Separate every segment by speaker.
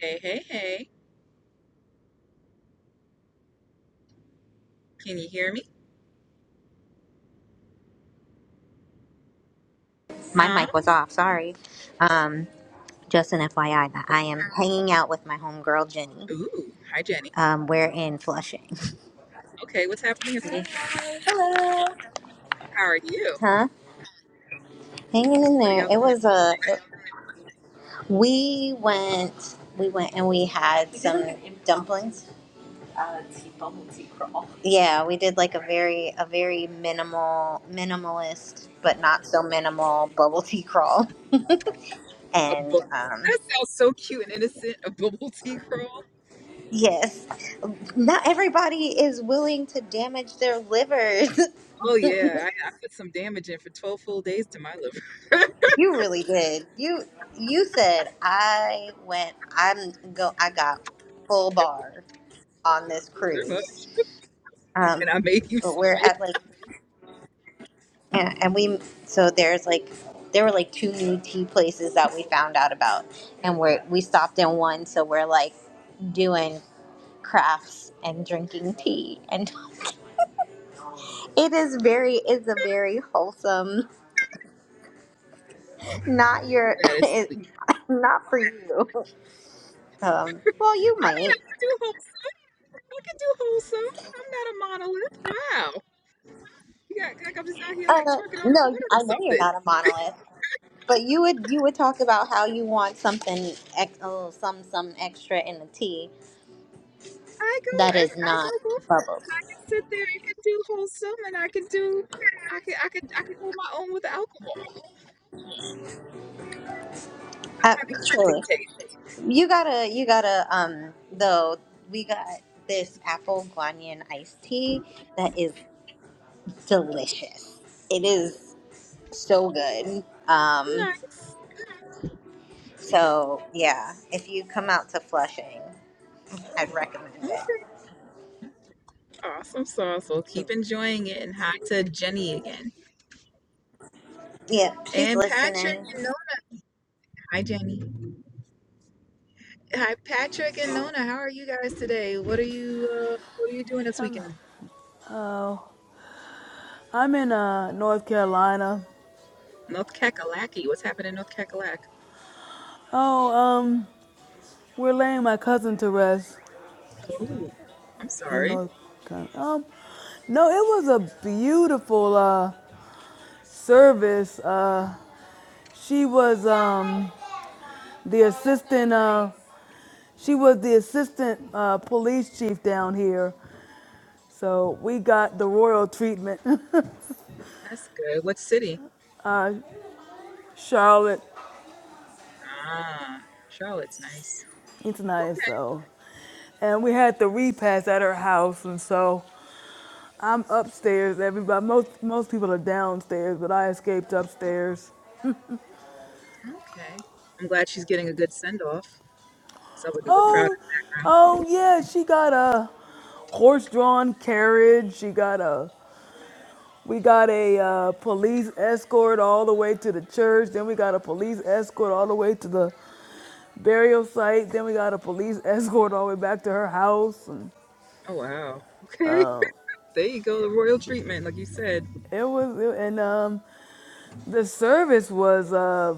Speaker 1: Hey, hey, hey. Can you hear me?
Speaker 2: My
Speaker 1: Huh?
Speaker 2: mic was off. Sorry. Um, just an FYI that I am hanging out with my homegirl Jenny.
Speaker 1: Ooh, hi, Jenny.
Speaker 2: Um, we're in Flushing.
Speaker 1: Okay, what's happening in Florida?
Speaker 2: Hello.
Speaker 1: How are you?
Speaker 2: Huh? Hanging in
Speaker 1: What are
Speaker 2: there.
Speaker 1: y'all
Speaker 2: It
Speaker 1: doing?
Speaker 2: was a. we went. We went and we had We did some like an- dumplings. Yeah, we did like a very a very minimal minimalist, but not so minimal bubble tea crawl.
Speaker 1: A
Speaker 2: And
Speaker 1: bu-
Speaker 2: um,
Speaker 1: That sounds so cute and innocent. A bubble tea crawl?
Speaker 2: yes, not everybody is willing to damage their livers.
Speaker 1: Oh, yeah. I, I put some damage in for 12 full days to my liver,
Speaker 2: You really did. You you said I went. I'm go. I got full bar on this
Speaker 1: pretty much.
Speaker 2: cruise. Um,
Speaker 1: And I made you
Speaker 2: but
Speaker 1: some
Speaker 2: we're
Speaker 1: of it.
Speaker 2: at like and, and we so there's like there were like two new tea places that we found out about, and we're we stopped in one, so we're like doing crafts and drinking tea, and it is very it's a very wholesome. Not your,
Speaker 1: That is
Speaker 2: it,
Speaker 1: sweet.
Speaker 2: not for you. Um, well, you
Speaker 1: I mean,
Speaker 2: might.
Speaker 1: I can do wholesome. I can do wholesome. I'm not a monolith. Wow. You got, like, I'm just out here, like,
Speaker 2: Uh,
Speaker 1: twerking on the corner
Speaker 2: no,
Speaker 1: or
Speaker 2: I know you're
Speaker 1: something.
Speaker 2: not a monolith, but you would you would talk about how you want something ex- oh, some some extra in the tea
Speaker 1: I go,
Speaker 2: that is
Speaker 1: ev- I go
Speaker 2: not
Speaker 1: both
Speaker 2: bubbles.
Speaker 1: sit there and can do wholesome and I can do I can I can I can hold my own with alcohol. I
Speaker 2: Uh,
Speaker 1: have eclectic
Speaker 2: truly,
Speaker 1: taste.
Speaker 2: you gotta you gotta um though we got this apple guanyin iced tea that is delicious. It is so good. Um,
Speaker 1: Nice.
Speaker 2: so yeah, if you come out to Flushing, I'd recommend
Speaker 1: Mm, Awesome sauce. Well
Speaker 2: it.
Speaker 1: keep enjoying it and hi to Jenny again.
Speaker 2: Yeah, she's
Speaker 1: And Patrick
Speaker 2: listening.
Speaker 1: and Nona. Hi Jenny. Hi Patrick and Nona. How are you guys today? What are you uh, what are you doing this weekend?
Speaker 3: Oh, I'm in uh North Carolina.
Speaker 1: North Kakalaki. What's happening in North Kakalak?
Speaker 3: Oh, um, we're laying my cousin to rest
Speaker 1: Oh, I'm
Speaker 3: in
Speaker 1: sorry.
Speaker 3: North Carolina. Um, no, it was a beautiful uh service. Uh, she was um the assistant. Uh, she was the assistant uh, police chief down here. So we got the royal treatment.
Speaker 1: That's good. What city?
Speaker 3: uh, Charlotte,
Speaker 1: Ah, Charlotte's nice.
Speaker 3: it's nice. So, and we had the repast at her house, and so. I'm upstairs. Everybody, most most people are downstairs, but I escaped upstairs.
Speaker 1: Okay. I'm glad she's getting a good send off. So with good crowd in
Speaker 3: Oh,
Speaker 1: the background.
Speaker 3: oh yeah, she got a horse-drawn carriage. She got a. We got a uh, police escort all the way to the church. Then we got a police escort all the way to the burial site. Then we got a police escort all the way back to her house. And,
Speaker 1: Oh wow. Okay.
Speaker 3: uh,
Speaker 1: There you go, the royal treatment, like you said.
Speaker 3: it was, and um, the service was uh,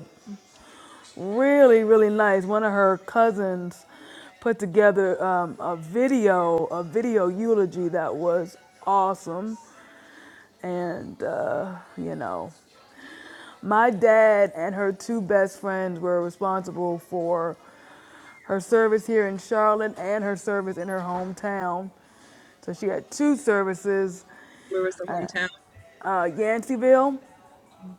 Speaker 3: really really nice one of her cousins put together um, a video a video eulogy that was awesome and uh, you know my dad and her two best friends were responsible for her service here in charlotte and her service in her hometown so she had two services
Speaker 1: Where was the hometown?
Speaker 3: uh, yanceyville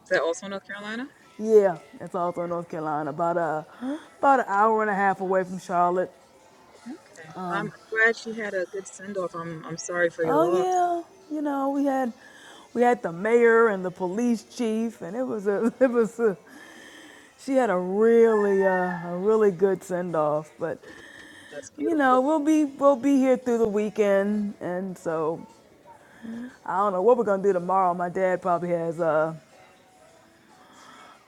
Speaker 1: Is that also North Carolina?
Speaker 3: yeah, it's also in North Carolina, about a about an hour and a half away from Charlotte.
Speaker 1: Okay. I'm glad she had a good send off. I'm I'm sorry for your
Speaker 3: Oh
Speaker 1: loss.
Speaker 3: yeah, you know we had we had the mayor and the police chief, and it was a it was a, she had a really uh, a really good send off. But
Speaker 1: That's
Speaker 3: you know
Speaker 1: beautiful.
Speaker 3: we'll be we'll be here through the weekend, and so I don't know what we're gonna do tomorrow. My dad probably has uh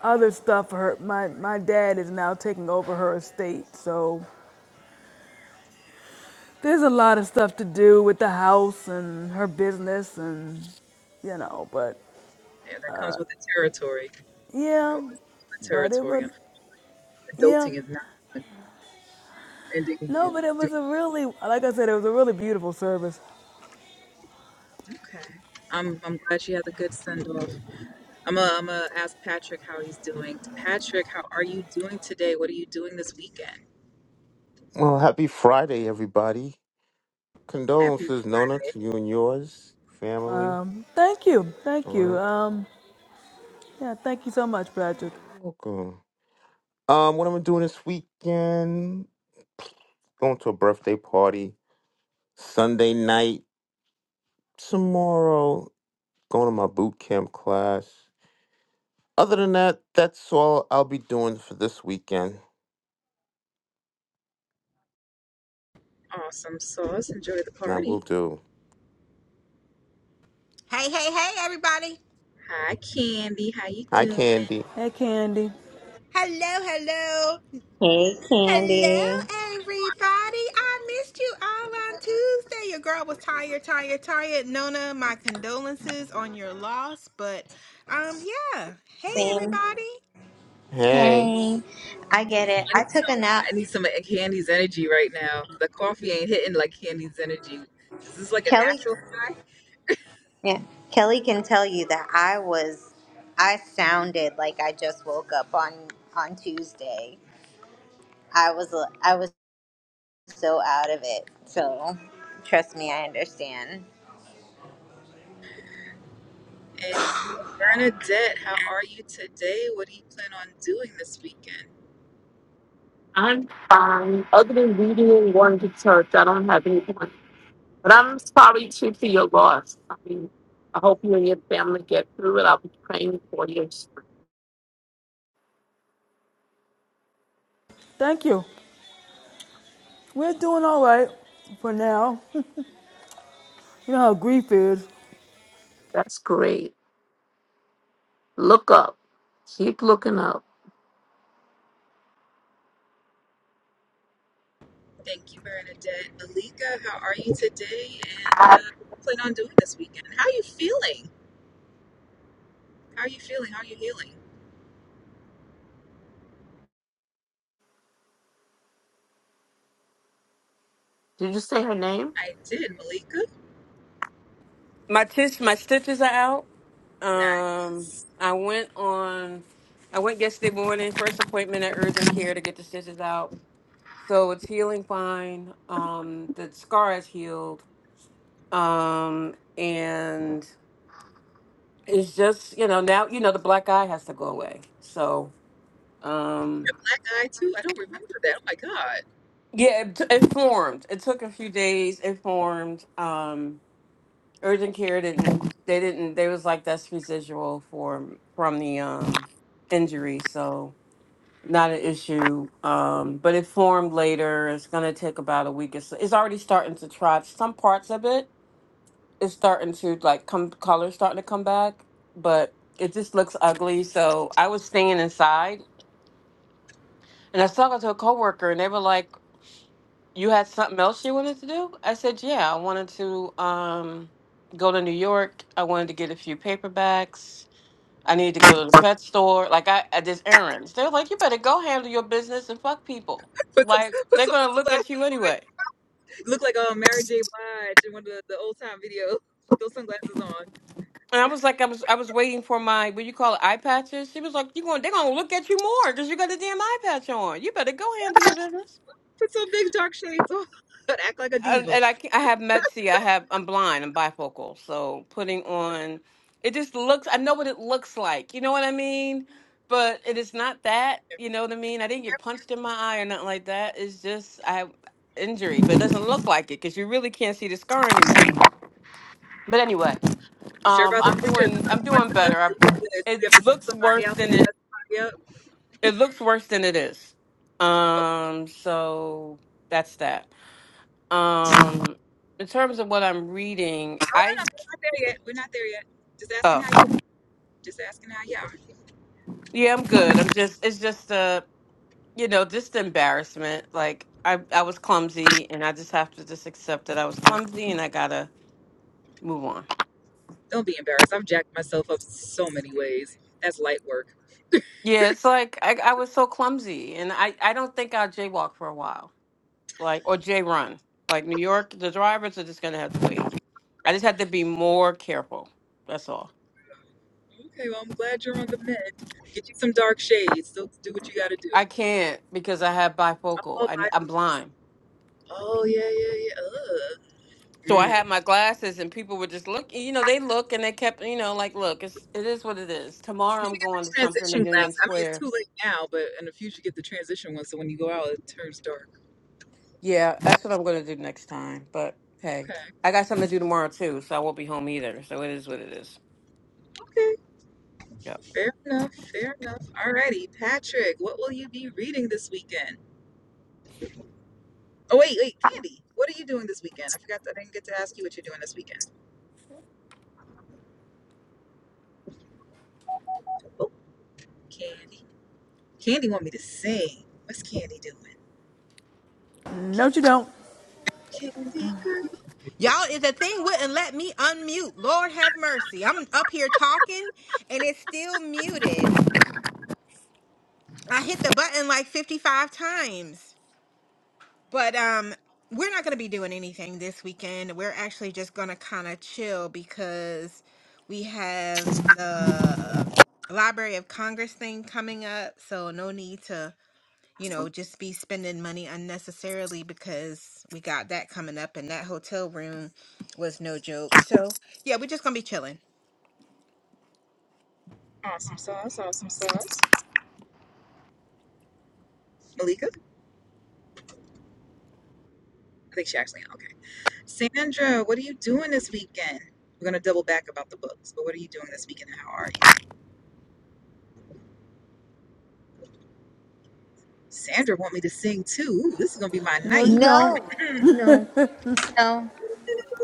Speaker 3: other stuff for her. My my dad is now taking over her estate, so there's a lot of stuff to do with the house and her business and you know, but
Speaker 1: Yeah, that comes with the territory.
Speaker 3: yeah,
Speaker 1: Oh, it's the
Speaker 3: but it
Speaker 1: territory.
Speaker 3: would. Yeah.
Speaker 1: Adulting is not fun. ending
Speaker 3: No, but it
Speaker 1: is
Speaker 3: was a
Speaker 1: doing.
Speaker 3: really, like I said, it was a really beautiful service.
Speaker 1: Okay. I'm I'm glad she had a good send off. I'm going I'm gonna ask Patrick how he's doing. Patrick, how are you doing today? What are you doing this weekend?
Speaker 4: Well, happy Friday, everybody.
Speaker 1: Happy
Speaker 4: Condolences, Nona, to you and yours, family.
Speaker 3: Thank you.
Speaker 4: All
Speaker 3: Thank you.
Speaker 4: right.
Speaker 3: Um, yeah, thank you so much,
Speaker 4: Oh,
Speaker 3: Patrick.
Speaker 4: You're welcome. Um, what am I doing this weekend? Going to a birthday party Sunday night. Tomorrow, going to my boot camp class. Other than that, that's all I'll be doing for this weekend.
Speaker 1: awesome sauce. Enjoy the
Speaker 4: And I will
Speaker 1: party.
Speaker 4: do.
Speaker 5: Hey, hey, hey, everybody.
Speaker 1: Hi, Candy. How you
Speaker 4: Hi,
Speaker 1: doing?
Speaker 4: Candy.
Speaker 3: Hey, Candy.
Speaker 5: Hello, hello.
Speaker 2: Hey, Candy.
Speaker 5: Hello, everybody. I missed you all on Tuesday. Your girl was tired, tired, tired. Nona, my condolences on your loss. But, um, yeah. Hey,
Speaker 2: Same.
Speaker 5: everybody.
Speaker 4: Hey.
Speaker 2: Hey. I get it.
Speaker 1: I need,
Speaker 2: I took a nap.
Speaker 1: I need some of Candy's energy right now. The coffee ain't hitting like Candy's energy. Is this like a
Speaker 2: Kelly,
Speaker 1: natural high?
Speaker 2: yeah, Kelly can tell you that I was, I sounded like I just woke up on on Tuesday. I was, I was so out of it. So, trust me, I understand.
Speaker 1: And Bernadette, how are you today? What do you plan on doing this weekend?
Speaker 6: I'm fine. Other than reading and going to church, I don't have any plan. But I'm sorry too for your loss. I mean, I hope you and your family get through it. I'll be praying for you.
Speaker 3: Thank you. We're doing all right for now. You know how grief is.
Speaker 6: That's great. Look up. Keep looking up.
Speaker 1: Thank you, Bernadette. Malika, how are you today? And uh, what do you plan on doing this weekend? How are you feeling? How are you feeling? How are you healing?
Speaker 6: Did you say her name?
Speaker 1: I did, Malika.
Speaker 7: my tis, my stitches are out. Um,
Speaker 1: Nice.
Speaker 7: I went on, I went yesterday morning, first appointment at urgent care to get the stitches out. So it's healing fine. Um, the scar is healed. Um, and it's just you know now you know the black eye has to go away. So um,
Speaker 1: Black eye too. I don't remember that. Oh my God.
Speaker 7: yeah, it, t- it formed. It took a few days. It formed. Um, urgent care didn't they didn't they was like that's residual for from the um injury so not an issue um but it formed later it's going to take about a week or so it's already starting to trot some parts of it is starting to like come color starting to come back but it just looks ugly so i was staying inside and i was talking to a coworker and they were like you had something else you wanted to do i said yeah i wanted to um go to new york i wanted to get a few paperbacks I need to go to the pet store. Like I, I did errands. They're like, you better go handle your business and fuck people.
Speaker 1: Put some
Speaker 7: Like
Speaker 1: put
Speaker 7: they're
Speaker 1: some
Speaker 7: gonna look
Speaker 1: sunglasses
Speaker 7: at you anyway.
Speaker 1: Look like um Mary J. Blige in one of the, the old time videos. with Those sunglasses on.
Speaker 7: And I was like, I was, I was waiting for my what you call it, eye patches. She was like, you going, they're gonna look at you more because you got a damn eye patch on. You better go handle your business.
Speaker 1: Put some big dark shades on. But act like a
Speaker 7: and,
Speaker 1: diva.
Speaker 7: and I ca- I have met see I have I'm blind I'm bifocal so putting on it just looks I know what it looks like you know what I mean but it is not that you know what I mean I didn't get punched in my eye or nothing like that it's just I have injury but it doesn't look like it because you really can't see the scar anymore but anyway
Speaker 1: You sure
Speaker 7: um
Speaker 1: about the
Speaker 7: I'm
Speaker 1: really good? Is
Speaker 7: doing I'm
Speaker 1: something want to
Speaker 7: doing
Speaker 1: tell us?
Speaker 7: better I,
Speaker 1: Do we have to, do we
Speaker 7: it
Speaker 1: have to send
Speaker 7: looks
Speaker 1: somebody
Speaker 7: worse
Speaker 1: out
Speaker 7: than
Speaker 1: there to
Speaker 7: it
Speaker 1: mess somebody up?
Speaker 7: it looks worse than it is um so that's that um, in terms of what I'm reading,
Speaker 1: Oh no,
Speaker 7: I
Speaker 1: no, we're not there yet. We're not there yet. Just asking
Speaker 7: oh
Speaker 1: how you are. Just asking how you are.
Speaker 7: yeah, I'm good. I'm just it's just uh you know just embarrassment. Like I I was clumsy, and I just have to just accept that I was clumsy, and I gotta move on.
Speaker 1: Don't be embarrassed. I've jacked myself up so many ways. That's light work.
Speaker 7: Yeah, it's like I I was so clumsy, and I I don't think I'll jaywalk for a while, like or jay run. Like New York, the drivers are just gonna have to wait. I just have to be more careful. That's all.
Speaker 1: Okay, well I'm glad you're on the mend. Get you some dark shades. So do what you gotta do.
Speaker 7: I can't because I have bifocal.
Speaker 1: Oh,
Speaker 7: I,
Speaker 1: I,
Speaker 7: I'm blind.
Speaker 1: oh yeah, yeah, yeah. Ugh.
Speaker 7: So
Speaker 1: Mm.
Speaker 7: I had my glasses, and people would just look. You know, they look and they kept, you know, like, look, it's it is what it is.
Speaker 1: You
Speaker 7: Tomorrow I'm
Speaker 1: should get
Speaker 7: going
Speaker 1: the
Speaker 7: to something in
Speaker 1: transition
Speaker 7: Union
Speaker 1: glass. I mean, it's
Speaker 7: Square.
Speaker 1: too late now, but in the future, get the transition one. So when you go out, it turns dark.
Speaker 7: Yeah, that's what I'm going to do next time. But hey,
Speaker 1: Okay.
Speaker 7: I got something to do tomorrow too, so I won't be home either. So it is what it is.
Speaker 1: Okay.
Speaker 7: Yep.
Speaker 1: Fair enough. Fair enough. Alrighty, Patrick. What will you be reading this weekend? Oh wait, wait, Candy. What are you doing this weekend? I forgot. I didn't get to ask you what you're doing this weekend. Oh, Candy. Candy want me to sing. What's Candy doing?
Speaker 3: No, you don't.
Speaker 1: Candy girl.
Speaker 5: Y'all, is the thing wouldn't let me unmute. Lord have mercy. I'm up here talking and it's still muted. I hit the button like 55 times. But um, we're not going to be doing anything this weekend. We're actually just going to kind of chill because we have the Library of Congress thing coming up. So no need to, you know, just be spending money unnecessarily because we got that coming up and that hotel room was no joke. So yeah, we're just going to be chilling.
Speaker 1: Awesome sauce. Awesome sauce. Malika. I think she actually. Okay. Sandra. What are you doing this weekend? We're gonna double back about the books. But what are you doing this weekend? How are you? Sandra want me to sing too. Ooh, this is gonna be my
Speaker 3: No, you
Speaker 1: night.
Speaker 3: don't.
Speaker 2: No, no, no.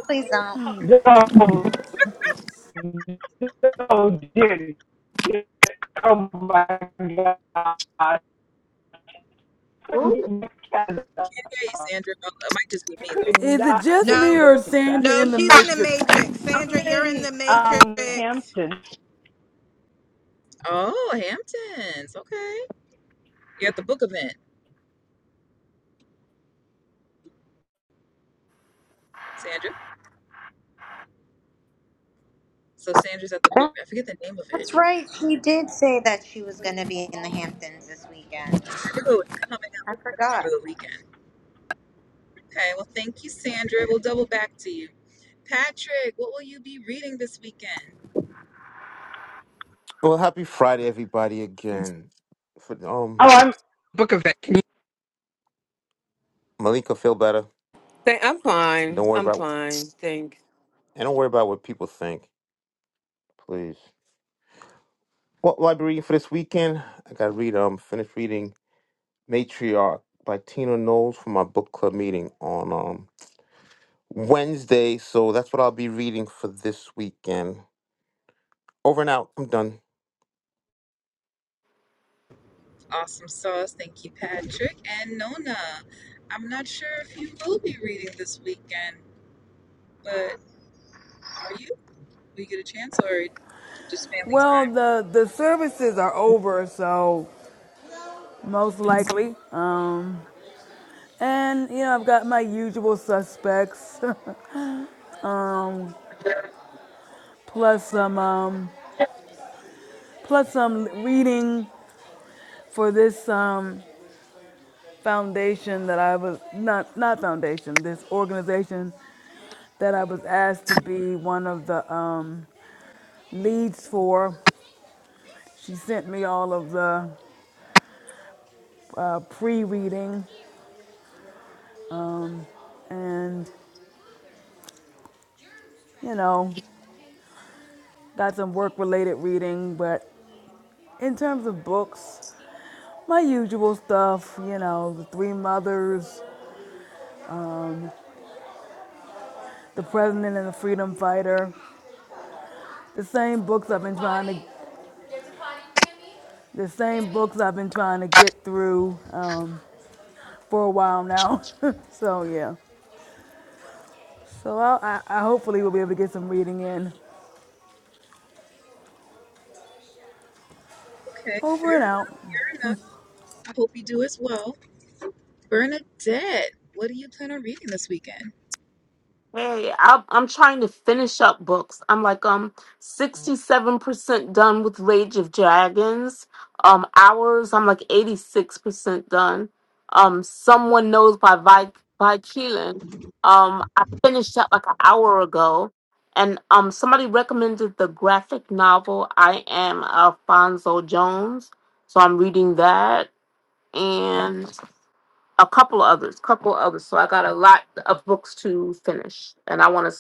Speaker 2: Please don't.
Speaker 8: Joe, Joe did it. Oh my God. I couldn't get
Speaker 1: Hey,
Speaker 8: I
Speaker 1: Sandra, oh, it might just be me though.
Speaker 8: could
Speaker 3: Is it
Speaker 8: not
Speaker 3: just
Speaker 8: get
Speaker 3: me
Speaker 5: No,
Speaker 8: to
Speaker 3: or
Speaker 8: the
Speaker 3: is
Speaker 8: fast
Speaker 3: Sandra
Speaker 5: No,
Speaker 3: in the
Speaker 8: enough.
Speaker 5: she's in the
Speaker 3: Matrix?
Speaker 5: Matrix.
Speaker 8: I'm
Speaker 5: Sandra, you're in
Speaker 8: in
Speaker 5: the Matrix.
Speaker 8: um, Hampton.
Speaker 1: Oh, Hamptons. Okay, you're at the book event, Sandra. So Sandra's at the book. I forget the name of it.
Speaker 2: That's right. She did say that she was going to be in the Hamptons this weekend.
Speaker 1: I knew it was coming up.
Speaker 2: I
Speaker 1: but I couldn't remember
Speaker 2: forgot.
Speaker 1: the weekend. Okay, well, thank you, Sandra. We'll double back to you. Patrick, what will you be reading this weekend?
Speaker 4: Well, happy Friday, everybody, again. For, um,
Speaker 8: Oh, I'm
Speaker 4: Malika, feel better.
Speaker 7: Th- I'm fine.
Speaker 4: Don't worry
Speaker 7: I'm
Speaker 4: about
Speaker 7: fine. Thanks.
Speaker 4: And don't worry about what people think, please. What will I be reading for this weekend? I got to read, um, finish reading Matriarch by Tina Knowles for my book club meeting on um Wednesday. So that's what I'll be reading for this weekend. Over and out. I'm done.
Speaker 1: Awesome sauce. Thank you, Patrick and Nona. I'm not sure if you will be reading this weekend, but are you? Will you get a chance or just family
Speaker 3: Well,
Speaker 1: time?
Speaker 3: the, the services are over, so most likely. Um, and you know, I've got my usual suspects, plus some um, plus some reading for this um, foundation that I was not not foundation, this organization that I was asked to be one of the um, leads for. She sent me all of the uh, pre-reading, and you know, got some work-related reading. But in terms of books, my usual stuff, you know, the Three Mothers, the President and the Freedom Fighter, the same books I've been trying to, the same books I've been trying to get through. Um, for a while now. so yeah. So I, I, I hopefully will be able to get some reading in.
Speaker 1: Okay,
Speaker 3: Over and
Speaker 1: fair
Speaker 3: out.
Speaker 1: enough. I hope you do as well. Bernadette, what do you plan on reading this weekend?
Speaker 6: Hey, I'm I'm trying to finish up books. I'm like um 67% done with Rage of Dragons. Um Hours, I'm like 86% done. Um Someone Knows by Vi by Keelan. Um I finished that like an hour ago. And um somebody recommended the graphic novel I Am Alfonso Jones. So I'm reading that. and a couple others, couple others. So I got a lot of books to finish, and I want to,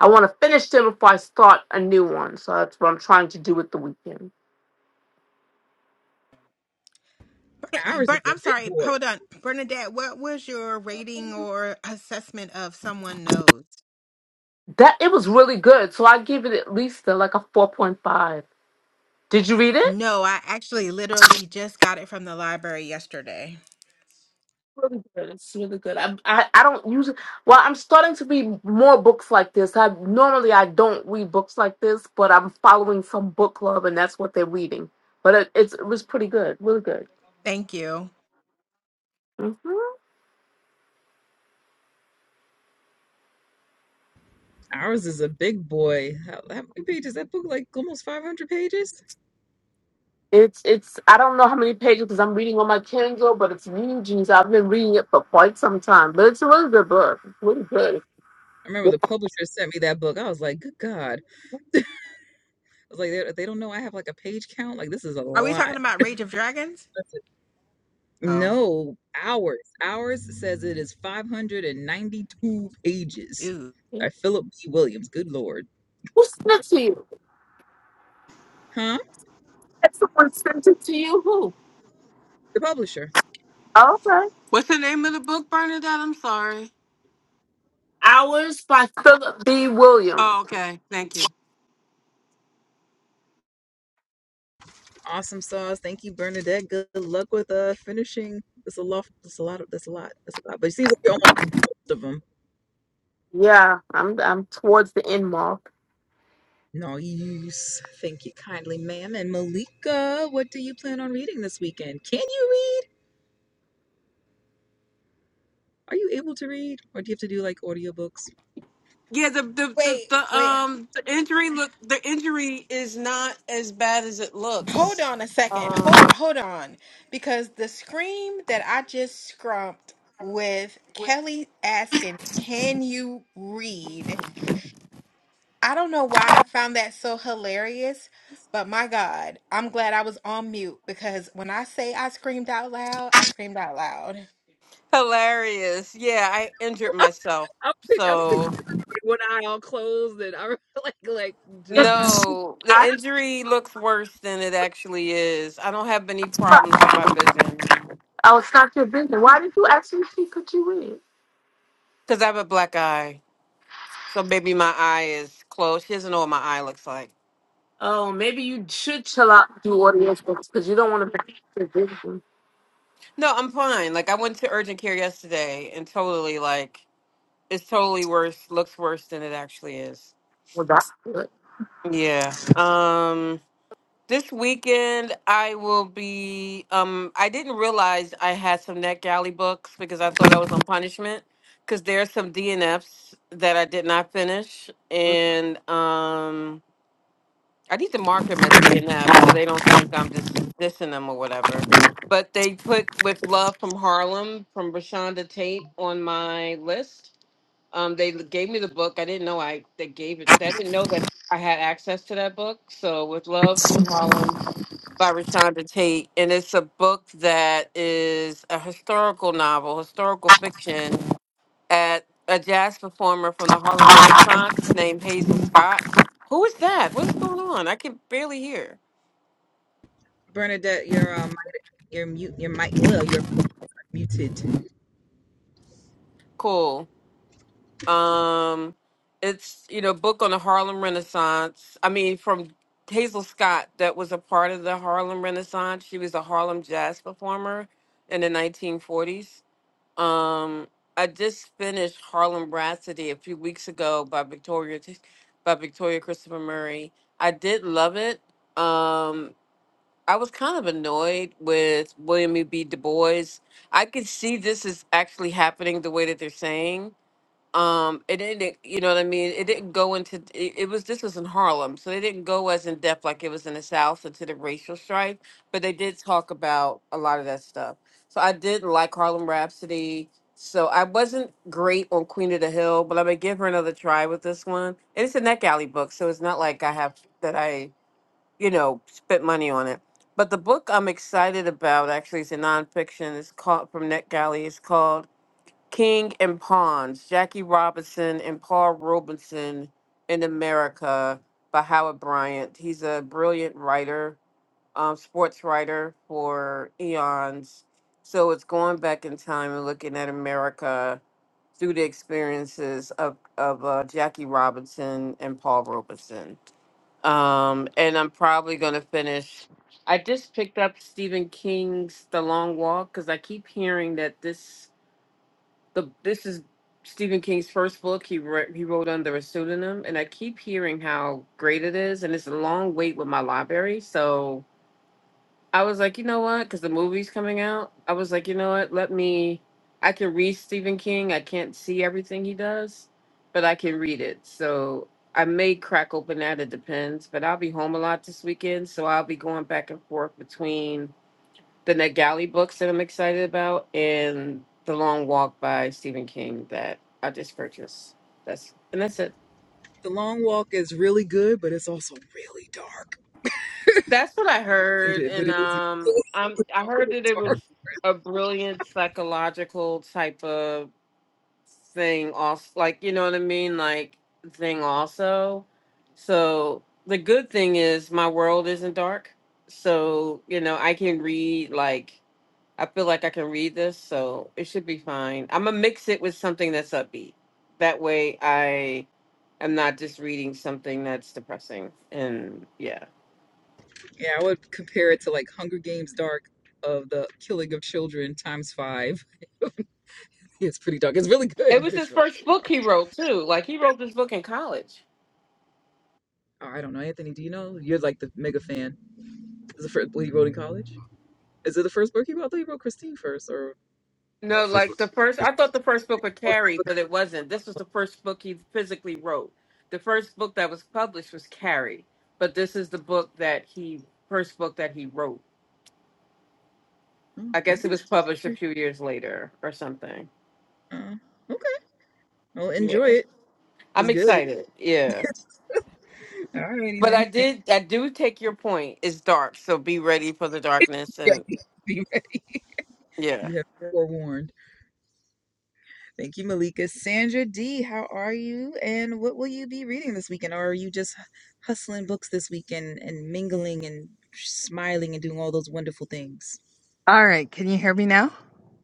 Speaker 6: I want to finish them before I start a new one. So that's what I'm trying to do with the weekend.
Speaker 5: Bern-
Speaker 1: Ours is
Speaker 5: Bern-
Speaker 1: a
Speaker 5: I'm
Speaker 1: big
Speaker 5: sorry.
Speaker 1: boy.
Speaker 5: Hold on, Bernadette. What was your rating or assessment of Someone Knows?
Speaker 6: That it was really good. So I give it at least a, like a four point five. Did you read it?
Speaker 5: No, I actually literally just got it from the library yesterday.
Speaker 6: Really good. It's really good. I, I I don't usually. Well, I'm starting to read more books like this. I normally I don't read books like this, but I'm following some book club, and that's what they're reading. But it, it's it was pretty good. Really good.
Speaker 5: Thank you.
Speaker 6: Mhm.
Speaker 1: Ours is a big boy. How, how many pages? That book like almost 500 pages?
Speaker 6: It's it's I don't know how many pages because I'm reading on my Kindle, but it's huge, and so I've been reading it for quite some time. But it's a really good book. It's really good.
Speaker 1: I remember the publisher sent me that book. I was like, good God. I was like, they, they don't know I have like a page count. Like, this is a
Speaker 5: Are we
Speaker 1: lot.
Speaker 5: talking about Rage of Dragons?
Speaker 1: That's it.
Speaker 5: Oh,
Speaker 1: No, ours. Ours says it is 592 pages
Speaker 5: ew.
Speaker 6: Yeah.
Speaker 1: by Philip B. Williams. Good Lord.
Speaker 6: Who sent it to you?
Speaker 1: Huh?
Speaker 6: Had someone sent it to you? Who?
Speaker 1: The publisher.
Speaker 6: Okay.
Speaker 7: What's the name of the book, Bernadette? I'm sorry.
Speaker 6: Hours by Philip B. Williams.
Speaker 7: Oh, okay. Thank you.
Speaker 1: Awesome sauce. Thank you, Bernadette. Good luck with uh finishing. That's a lot. That's a lot. Of, that's a lot. That's a lot. But it seems like you almost most of them.
Speaker 6: Yeah, I'm I'm towards the end mark.
Speaker 1: No use. Thank you kindly, ma'am. And Malika, what do you plan on reading this weekend? Can you read? Are you able to read, or do you have to do like audiobooks?
Speaker 7: Yeah, the the the,
Speaker 5: Wait,
Speaker 7: the
Speaker 5: wait.
Speaker 7: um the injury look the injury is not as bad as it
Speaker 5: Hold
Speaker 7: looks.
Speaker 5: on a second. Hold,
Speaker 7: Um,
Speaker 5: hold on, because the scream that I just scrumped with Kelly asking, "Can you read?" I don't know why I found that so hilarious, but my God, I'm glad I was on mute because when I say I screamed out loud, I screamed out loud.
Speaker 7: Hilarious. Yeah, I injured myself.
Speaker 1: I'm, pic- I'm picturing
Speaker 7: So,
Speaker 1: one eye all closed and I'm like like just
Speaker 6: Did
Speaker 1: trying to.
Speaker 7: no,
Speaker 6: I?
Speaker 7: the injury looks worse than it actually is. I don't have any problems with my vision
Speaker 6: Oh, it's not your business. Why did you ask me if she could you read?
Speaker 7: because I have a black eye. So maybe my eye is closed. She doesn't know what my eye looks like.
Speaker 6: Oh, maybe you should chill out and do audience books because you don't want to be your business.
Speaker 7: No, I'm fine. Like, I went to urgent care yesterday and totally, like, it's totally worse, looks worse than it actually is.
Speaker 6: Well, that's good.
Speaker 7: Yeah. Um, This weekend, I will be. Um, I didn't realize I had some NetGalley books because I thought I was on punishment. Because there are some DNFs that I did not finish, and um, I need to mark them as DNF so they don't think I'm just dissing them or whatever. But they put "With Love from Harlem" from Rashonda Tate on my list. Um, they gave me the book. I didn't know I they gave it. I didn't know that I had access to that book. So "With Love from Harlem." by Rashonda Tate, and it's a book that is a historical novel, historical fiction, at a jazz performer from the Harlem Renaissance named Hazel Scott. Who is that? What's going on? I can barely hear.
Speaker 1: Bernadette, your um, your mute, your mic, yeah, you're muted.
Speaker 7: Cool. Um, it's you know a book on the Harlem Renaissance. I mean, from Hazel Scott, that was a part of the Harlem Renaissance. She was a Harlem jazz performer in the 1940s Um, I just finished Harlem Rhapsody a few weeks ago by Victoria T- by Victoria Christopher Murray. I did love it. Um, I was kind of annoyed with William E. B. Du Bois. I could see this is actually happening the way that they're saying um it didn't you know what i mean it didn't go into it, it was this was in harlem so they didn't go as in depth like it was in the south into the racial strife but they did talk about a lot of that stuff so i did like harlem rhapsody so i wasn't great on queen of the hill but i'm gonna give her another try with this one and it's a neck alley book so it's not like i have that i you know spent money on it but the book i'm excited about actually is a nonfiction it's called from neck alley it's called King and Pons, Jackie Robinson and Paul Robinson in America by Howard Bryant. He's a brilliant writer, um, sports writer for eons. So it's going back in time and looking at America through the experiences of, of uh, Jackie Robinson and Paul Robinson. Um, and I'm probably going to finish. I just picked up Stephen King's The Long Walk because I keep hearing that this the this is Stephen King's first book. He wrote, he wrote under a pseudonym, and I keep hearing how great it is, and it's a long wait with my library. So I was like, you know what? Because the movie's coming out, I was like, you know what? Let me. I can read Stephen King. I can't see everything he does, but I can read it. So I may crack open that. It depends. But I'll be home a lot this weekend, so I'll be going back and forth between the Net books that I'm excited about, and The Long Walk by Stephen King that I just purchased. That's and that's it.
Speaker 1: The long walk is really good, but it's also really dark.
Speaker 7: That's what I
Speaker 1: It
Speaker 7: heard,
Speaker 1: is, but
Speaker 7: and
Speaker 1: it is.
Speaker 7: um, i am I heard that it was
Speaker 1: dark.
Speaker 7: a brilliant psychological type of thing. Also, like you know what I mean, like thing also. So the good thing is my world isn't dark, so you know I can read like I feel like I can read this, so it should be fine. I'm gonna mix it with something that's upbeat. That way, I am not just reading something that's depressing. And yeah,
Speaker 1: Yeah, I would compare it to like Hunger Games Dark of the killing of children times five. it's pretty dark. It's really
Speaker 7: it
Speaker 1: good, but
Speaker 7: was his
Speaker 1: it's really,
Speaker 7: first
Speaker 1: really
Speaker 7: book
Speaker 1: dark.
Speaker 7: he wrote too. Like he wrote this book in college.
Speaker 1: Oh, I don't know, Anthony. Do you know? You're like the mega fan. Is the first book he wrote in college? Is it the first book he wrote? I thought he wrote Christine first, or No,
Speaker 7: No,
Speaker 1: first
Speaker 7: like
Speaker 1: book.
Speaker 7: the first.
Speaker 1: first-
Speaker 7: I thought the first book was
Speaker 1: Oh, first
Speaker 7: Carrie,
Speaker 1: book.
Speaker 7: but it wasn't. This was the first book he physically wrote. The first book that was published was Carrie, but this is the book that he first book that he wrote.
Speaker 1: Oh,
Speaker 7: I guess it
Speaker 1: Anthony's.
Speaker 7: was published a few years later or something.
Speaker 1: Uh, okay. Well,
Speaker 7: Yeah.
Speaker 1: enjoy it. It's
Speaker 7: I'm
Speaker 1: good.
Speaker 7: excited. Yeah.
Speaker 1: All righty
Speaker 7: But I
Speaker 1: then. Thank
Speaker 7: did I do take your point. It's dark, so be ready for the darkness
Speaker 1: you.
Speaker 7: and yeah.
Speaker 1: You have been forewarned. Thank you, Malika. Sandra D, how are you? And what will you be reading this weekend? Or are you just hustling books this weekend and mingling and smiling and doing all those wonderful things?
Speaker 8: All right, can you hear me now?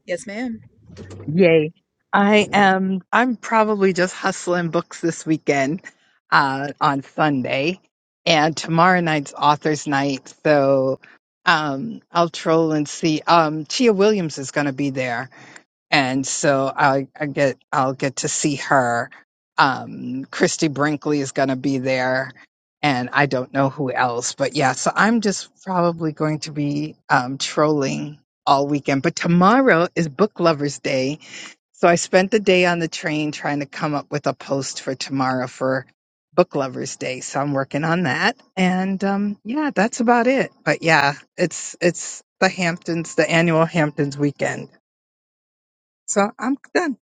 Speaker 1: Yes, ma'am.
Speaker 8: Yay. I am I'm probably just hustling books this weekend. uh, on Sunday, and tomorrow night's authors' night. So um, I'll troll and see. Um, Chia Williams is going to be there, and so I, I get I'll get to see her. Um, Christy Brinkley is going to be there, and I don't know who else. But yeah, so I'm just probably going to be um, trolling all weekend. But tomorrow is Book Lovers Day so I spent the day on the train trying to come up with a post for tomorrow for Book Lovers Day. So I'm working on that. And um, yeah, that's about it. But yeah, it's it's the Hamptons, the annual Hamptons weekend. So I'm done.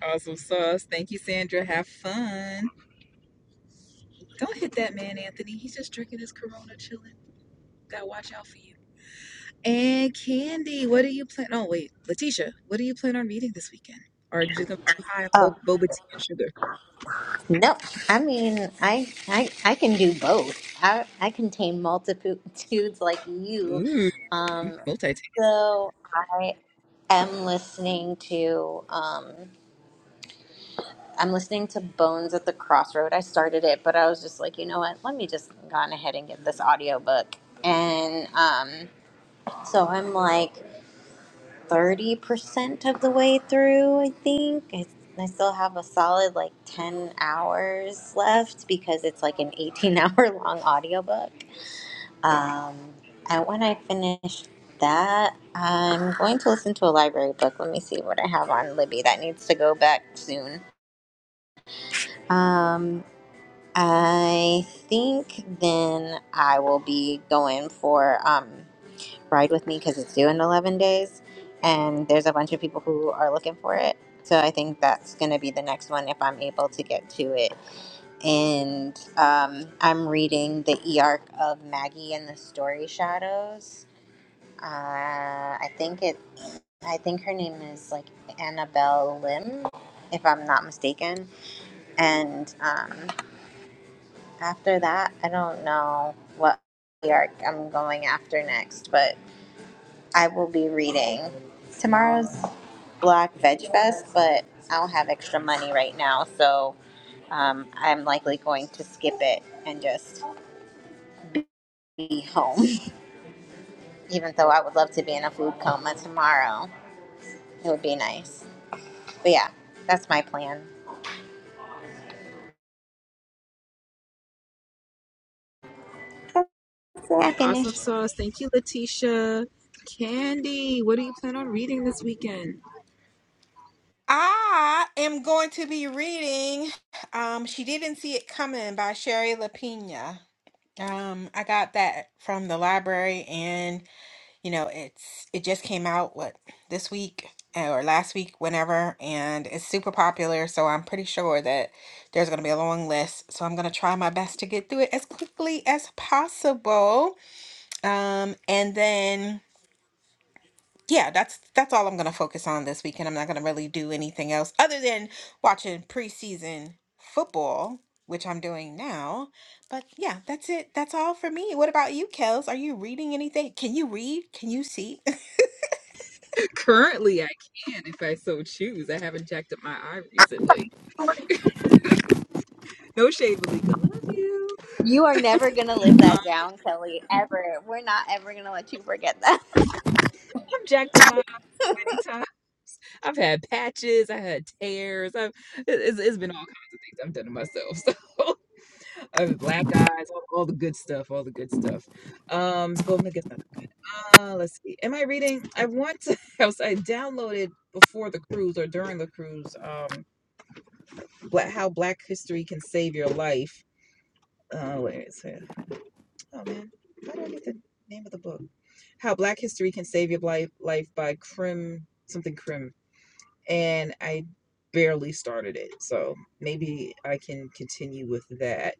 Speaker 1: Awesome sauce. Thank you, Sandra. Have fun. Don't hit that man, Anthony. He's just drinking his Corona, chilling. Gotta watch out for you. And Candy, what are you plan? Oh, wait, Letitia, what do you plan on reading this weekend? Or are you just gonna be too high on bo- boba tea and sugar?
Speaker 2: No, I mean, I, I, I can do both. I, I contain multitudes like you.
Speaker 1: Ooh,
Speaker 2: Um,
Speaker 1: multitasking.
Speaker 2: so I am listening to, um, I'm listening to Bones at the Crossroad. I started it, but I was just like, you know what? Let me just go on ahead and get this audiobook. And um, so I'm like. thirty percent of the way through. I think I, I still have a solid like ten hours left because it's like an eighteen-hour long audiobook. Um, and when I finish that, I'm going to listen to a library book. Let me see what I have on Libby. That needs to go back soon. Um, I think then I will be going for um ride with me because it's due in 11 days and there's a bunch of people who are looking for it so i think that's going to be the next one if i'm able to get to it and um, i'm reading the earc of maggie and the story shadows uh, i think it i think her name is like annabelle lim if i'm not mistaken and um, after that i don't know what arc i'm going after next but I will be reading. Tomorrow's Black Veg Fest, but I don't have extra money right now, so um, I'm likely going to skip it and just be home. Even though I would love to be in a food coma tomorrow, it would be nice. But yeah, that's my plan. I
Speaker 1: Awesome
Speaker 2: finish.
Speaker 1: sauce. Thank you, Letitia. Candy, what do you plan on reading this weekend?
Speaker 5: I am going to be reading um She Didn't See It Coming by Sherry LaPina. Um I got that from the library and. you know it's it just came out what this week uh, or last week whenever and it's super popular so i'm pretty sure that there's going to be a long list so i'm going to try my best to get through it as quickly as possible um and then yeah that's that's all i'm going to focus on this weekend i'm not going to really do anything else other than watching preseason football which i'm doing now but yeah that's it that's all for me what about you kels are you reading anything can you read can you see
Speaker 1: Currently, I can if I so choose. I haven't jacked up my eye recently. No shade, Malika. Love you.
Speaker 2: You are never gonna live
Speaker 1: Um,
Speaker 2: that down, Kelly. Ever. We're not ever gonna let you forget that.
Speaker 1: I've jacked up my eye anytime. I've had patches. I had tears. I've it- it's, it's been all kinds of things I've done to myself. So I've black eyes, all, all the good stuff, all the good stuff. Um, well, I guess not Uh, let's see. Am I reading? I want to. I was I downloaded before the cruise or during the cruise. Um, black how Black History can save your life. Uh, wait, it's here. Oh man, how do I get the name of the book? How Black History can save your life. Life by Krim something Krim, and I barely started it, so maybe I can continue with that.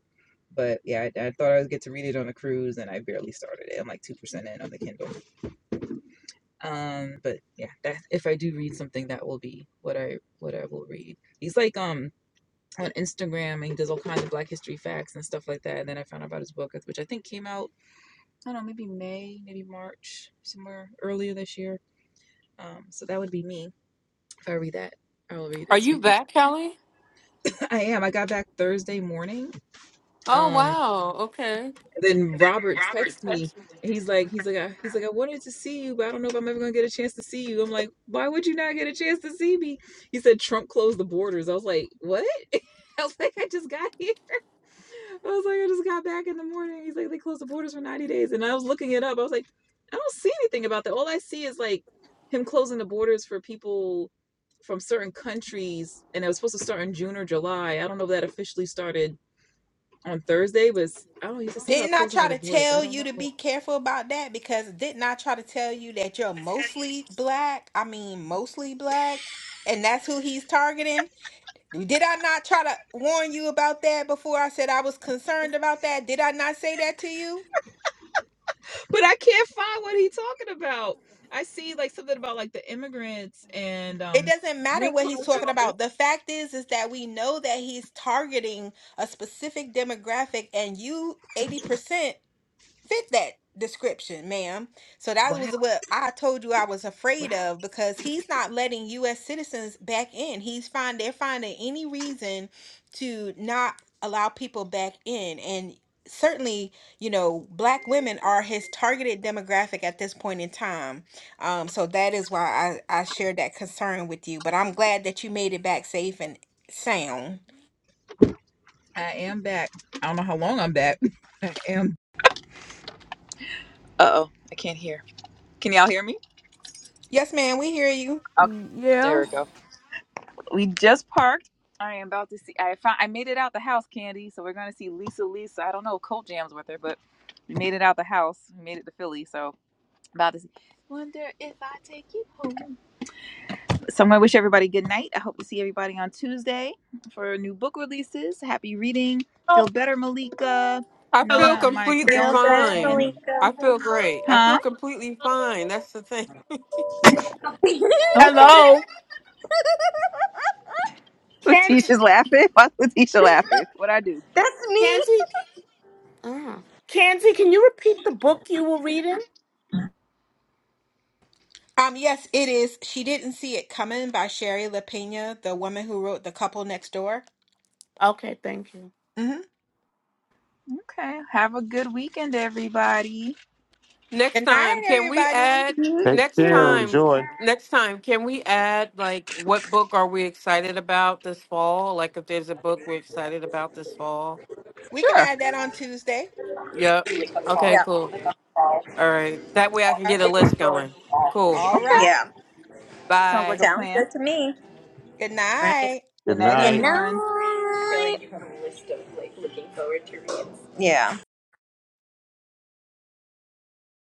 Speaker 1: But yeah, I, I thought I would get to read it on the cruise, and I barely started it. I'm like two percent in on the Kindle. um but yeah that if i do read something that will be what i what i will read he's like um on instagram and he does all kinds of black history facts and stuff like that and then i found out about his book which i think came out i don't know maybe may maybe march somewhere earlier this year um so that would be me if i read that i will read
Speaker 7: Are
Speaker 1: this
Speaker 7: you
Speaker 1: weekend
Speaker 7: back, Kelly?
Speaker 1: i am i got back thursday morning
Speaker 7: Oh
Speaker 1: um
Speaker 7: wow. Okay.
Speaker 1: then Robert texts me. and He's like, he's like, I, he's like, I wanted to see you, but I don't know if I'm ever gonna get a chance to see you. I'm like, why would you not get a chance to see me? He said Trump closed the borders. I was like, what? I was like, I just got here. I was like, I just got back in the morning. He's like, they closed the borders for 90 days, and I was looking it up. I was like, I don't see anything about that. All I see is like him closing the borders for people from certain countries, and it was supposed to start in June or July. I don't know if that officially started on Thursday was I don't know, he said something about
Speaker 5: Didn't I
Speaker 1: closing
Speaker 5: try
Speaker 1: of the
Speaker 5: to
Speaker 1: borders. I
Speaker 5: tell
Speaker 1: don't
Speaker 5: you to
Speaker 1: know.
Speaker 5: be careful about that? Because didn't I try to tell you that you're mostly black? I mean, mostly black, and that's who he's targeting? Did I not try to warn you about that before I said I was concerned about that? Did I not say that to you?
Speaker 1: But I can't find what he's talking about. I see like something about like the immigrants and
Speaker 5: It
Speaker 1: um
Speaker 5: doesn't matter
Speaker 1: green
Speaker 5: what he's
Speaker 1: card
Speaker 5: talking
Speaker 1: holders.
Speaker 5: about. The fact is is that we know that he's targeting a specific demographic and you 80% fit that description, ma'am. So that
Speaker 1: Wow,
Speaker 5: was what I told you I was
Speaker 1: wow.
Speaker 5: afraid of because he's not letting US citizens back in. He's find they're finding any reason to not allow people back in and certainly you know black women are his targeted demographic at this point in time um so that is why i i shared that concern with you but i'm glad that you made it back safe and sound
Speaker 1: I am back. I don't know how long I'm back. I am Uh oh, I can't hear. Can y'all hear me?
Speaker 5: yes ma'am we hear you
Speaker 1: Okay. There
Speaker 3: Yeah.
Speaker 1: we go. We just parked. I am about to see I found I made it out the house, Candy. So we're gonna see Lisa Lisa. I don't know if Colt Jam's with her, but we made it out the house. We made it to Philly, so about this. Wonder if I take you home. So I'm gonna wish everybody good night. I hope to see everybody on Tuesday for new book releases. Happy reading. Feel
Speaker 6: Oh,
Speaker 1: better, Malika.
Speaker 7: I
Speaker 6: hello.
Speaker 7: feel
Speaker 1: Nona, my
Speaker 7: completely
Speaker 1: condolences again.
Speaker 7: fine. I feel great. I
Speaker 1: Huh?
Speaker 7: feel completely fine. That's the thing.
Speaker 1: Okay.
Speaker 6: Hello. Kanzi,
Speaker 1: Letitia's laughing. Why Letitia laughing? What would I do?
Speaker 2: that's me.
Speaker 6: Kanzi, uh, Kanzi, can you repeat the book you were reading?
Speaker 5: Um, yes, it is. She Didn't See It Coming by Sherry LaPena, the woman who wrote The Couple Next Door.
Speaker 6: Okay, thank you.
Speaker 5: hmm
Speaker 1: Okay. Have a good weekend, everybody.
Speaker 7: Next
Speaker 5: Good
Speaker 7: time,
Speaker 5: night,
Speaker 7: can we
Speaker 5: everybody.
Speaker 7: add
Speaker 4: Take
Speaker 7: next
Speaker 4: care.
Speaker 7: time
Speaker 4: Enjoy.
Speaker 7: next time can we add like what book are we excited about this fall? Like if there's a book we're excited about this fall.
Speaker 5: We can
Speaker 1: Sure.
Speaker 5: add that on Tuesday.
Speaker 7: Yep. Okay,
Speaker 2: Yeah.
Speaker 7: cool. All right. That way I can
Speaker 5: All
Speaker 7: get a list going. Cool.
Speaker 5: all
Speaker 1: Okay.
Speaker 5: right.
Speaker 2: Yeah.
Speaker 1: Sounds
Speaker 7: Bye.
Speaker 1: like a
Speaker 2: Sounds
Speaker 1: plan.
Speaker 2: good to me.
Speaker 5: Good
Speaker 2: All right.
Speaker 5: night.
Speaker 1: Good
Speaker 4: Good
Speaker 1: night,
Speaker 2: Good
Speaker 4: night.
Speaker 2: night. I
Speaker 1: everyone.
Speaker 2: feel night. Yeah.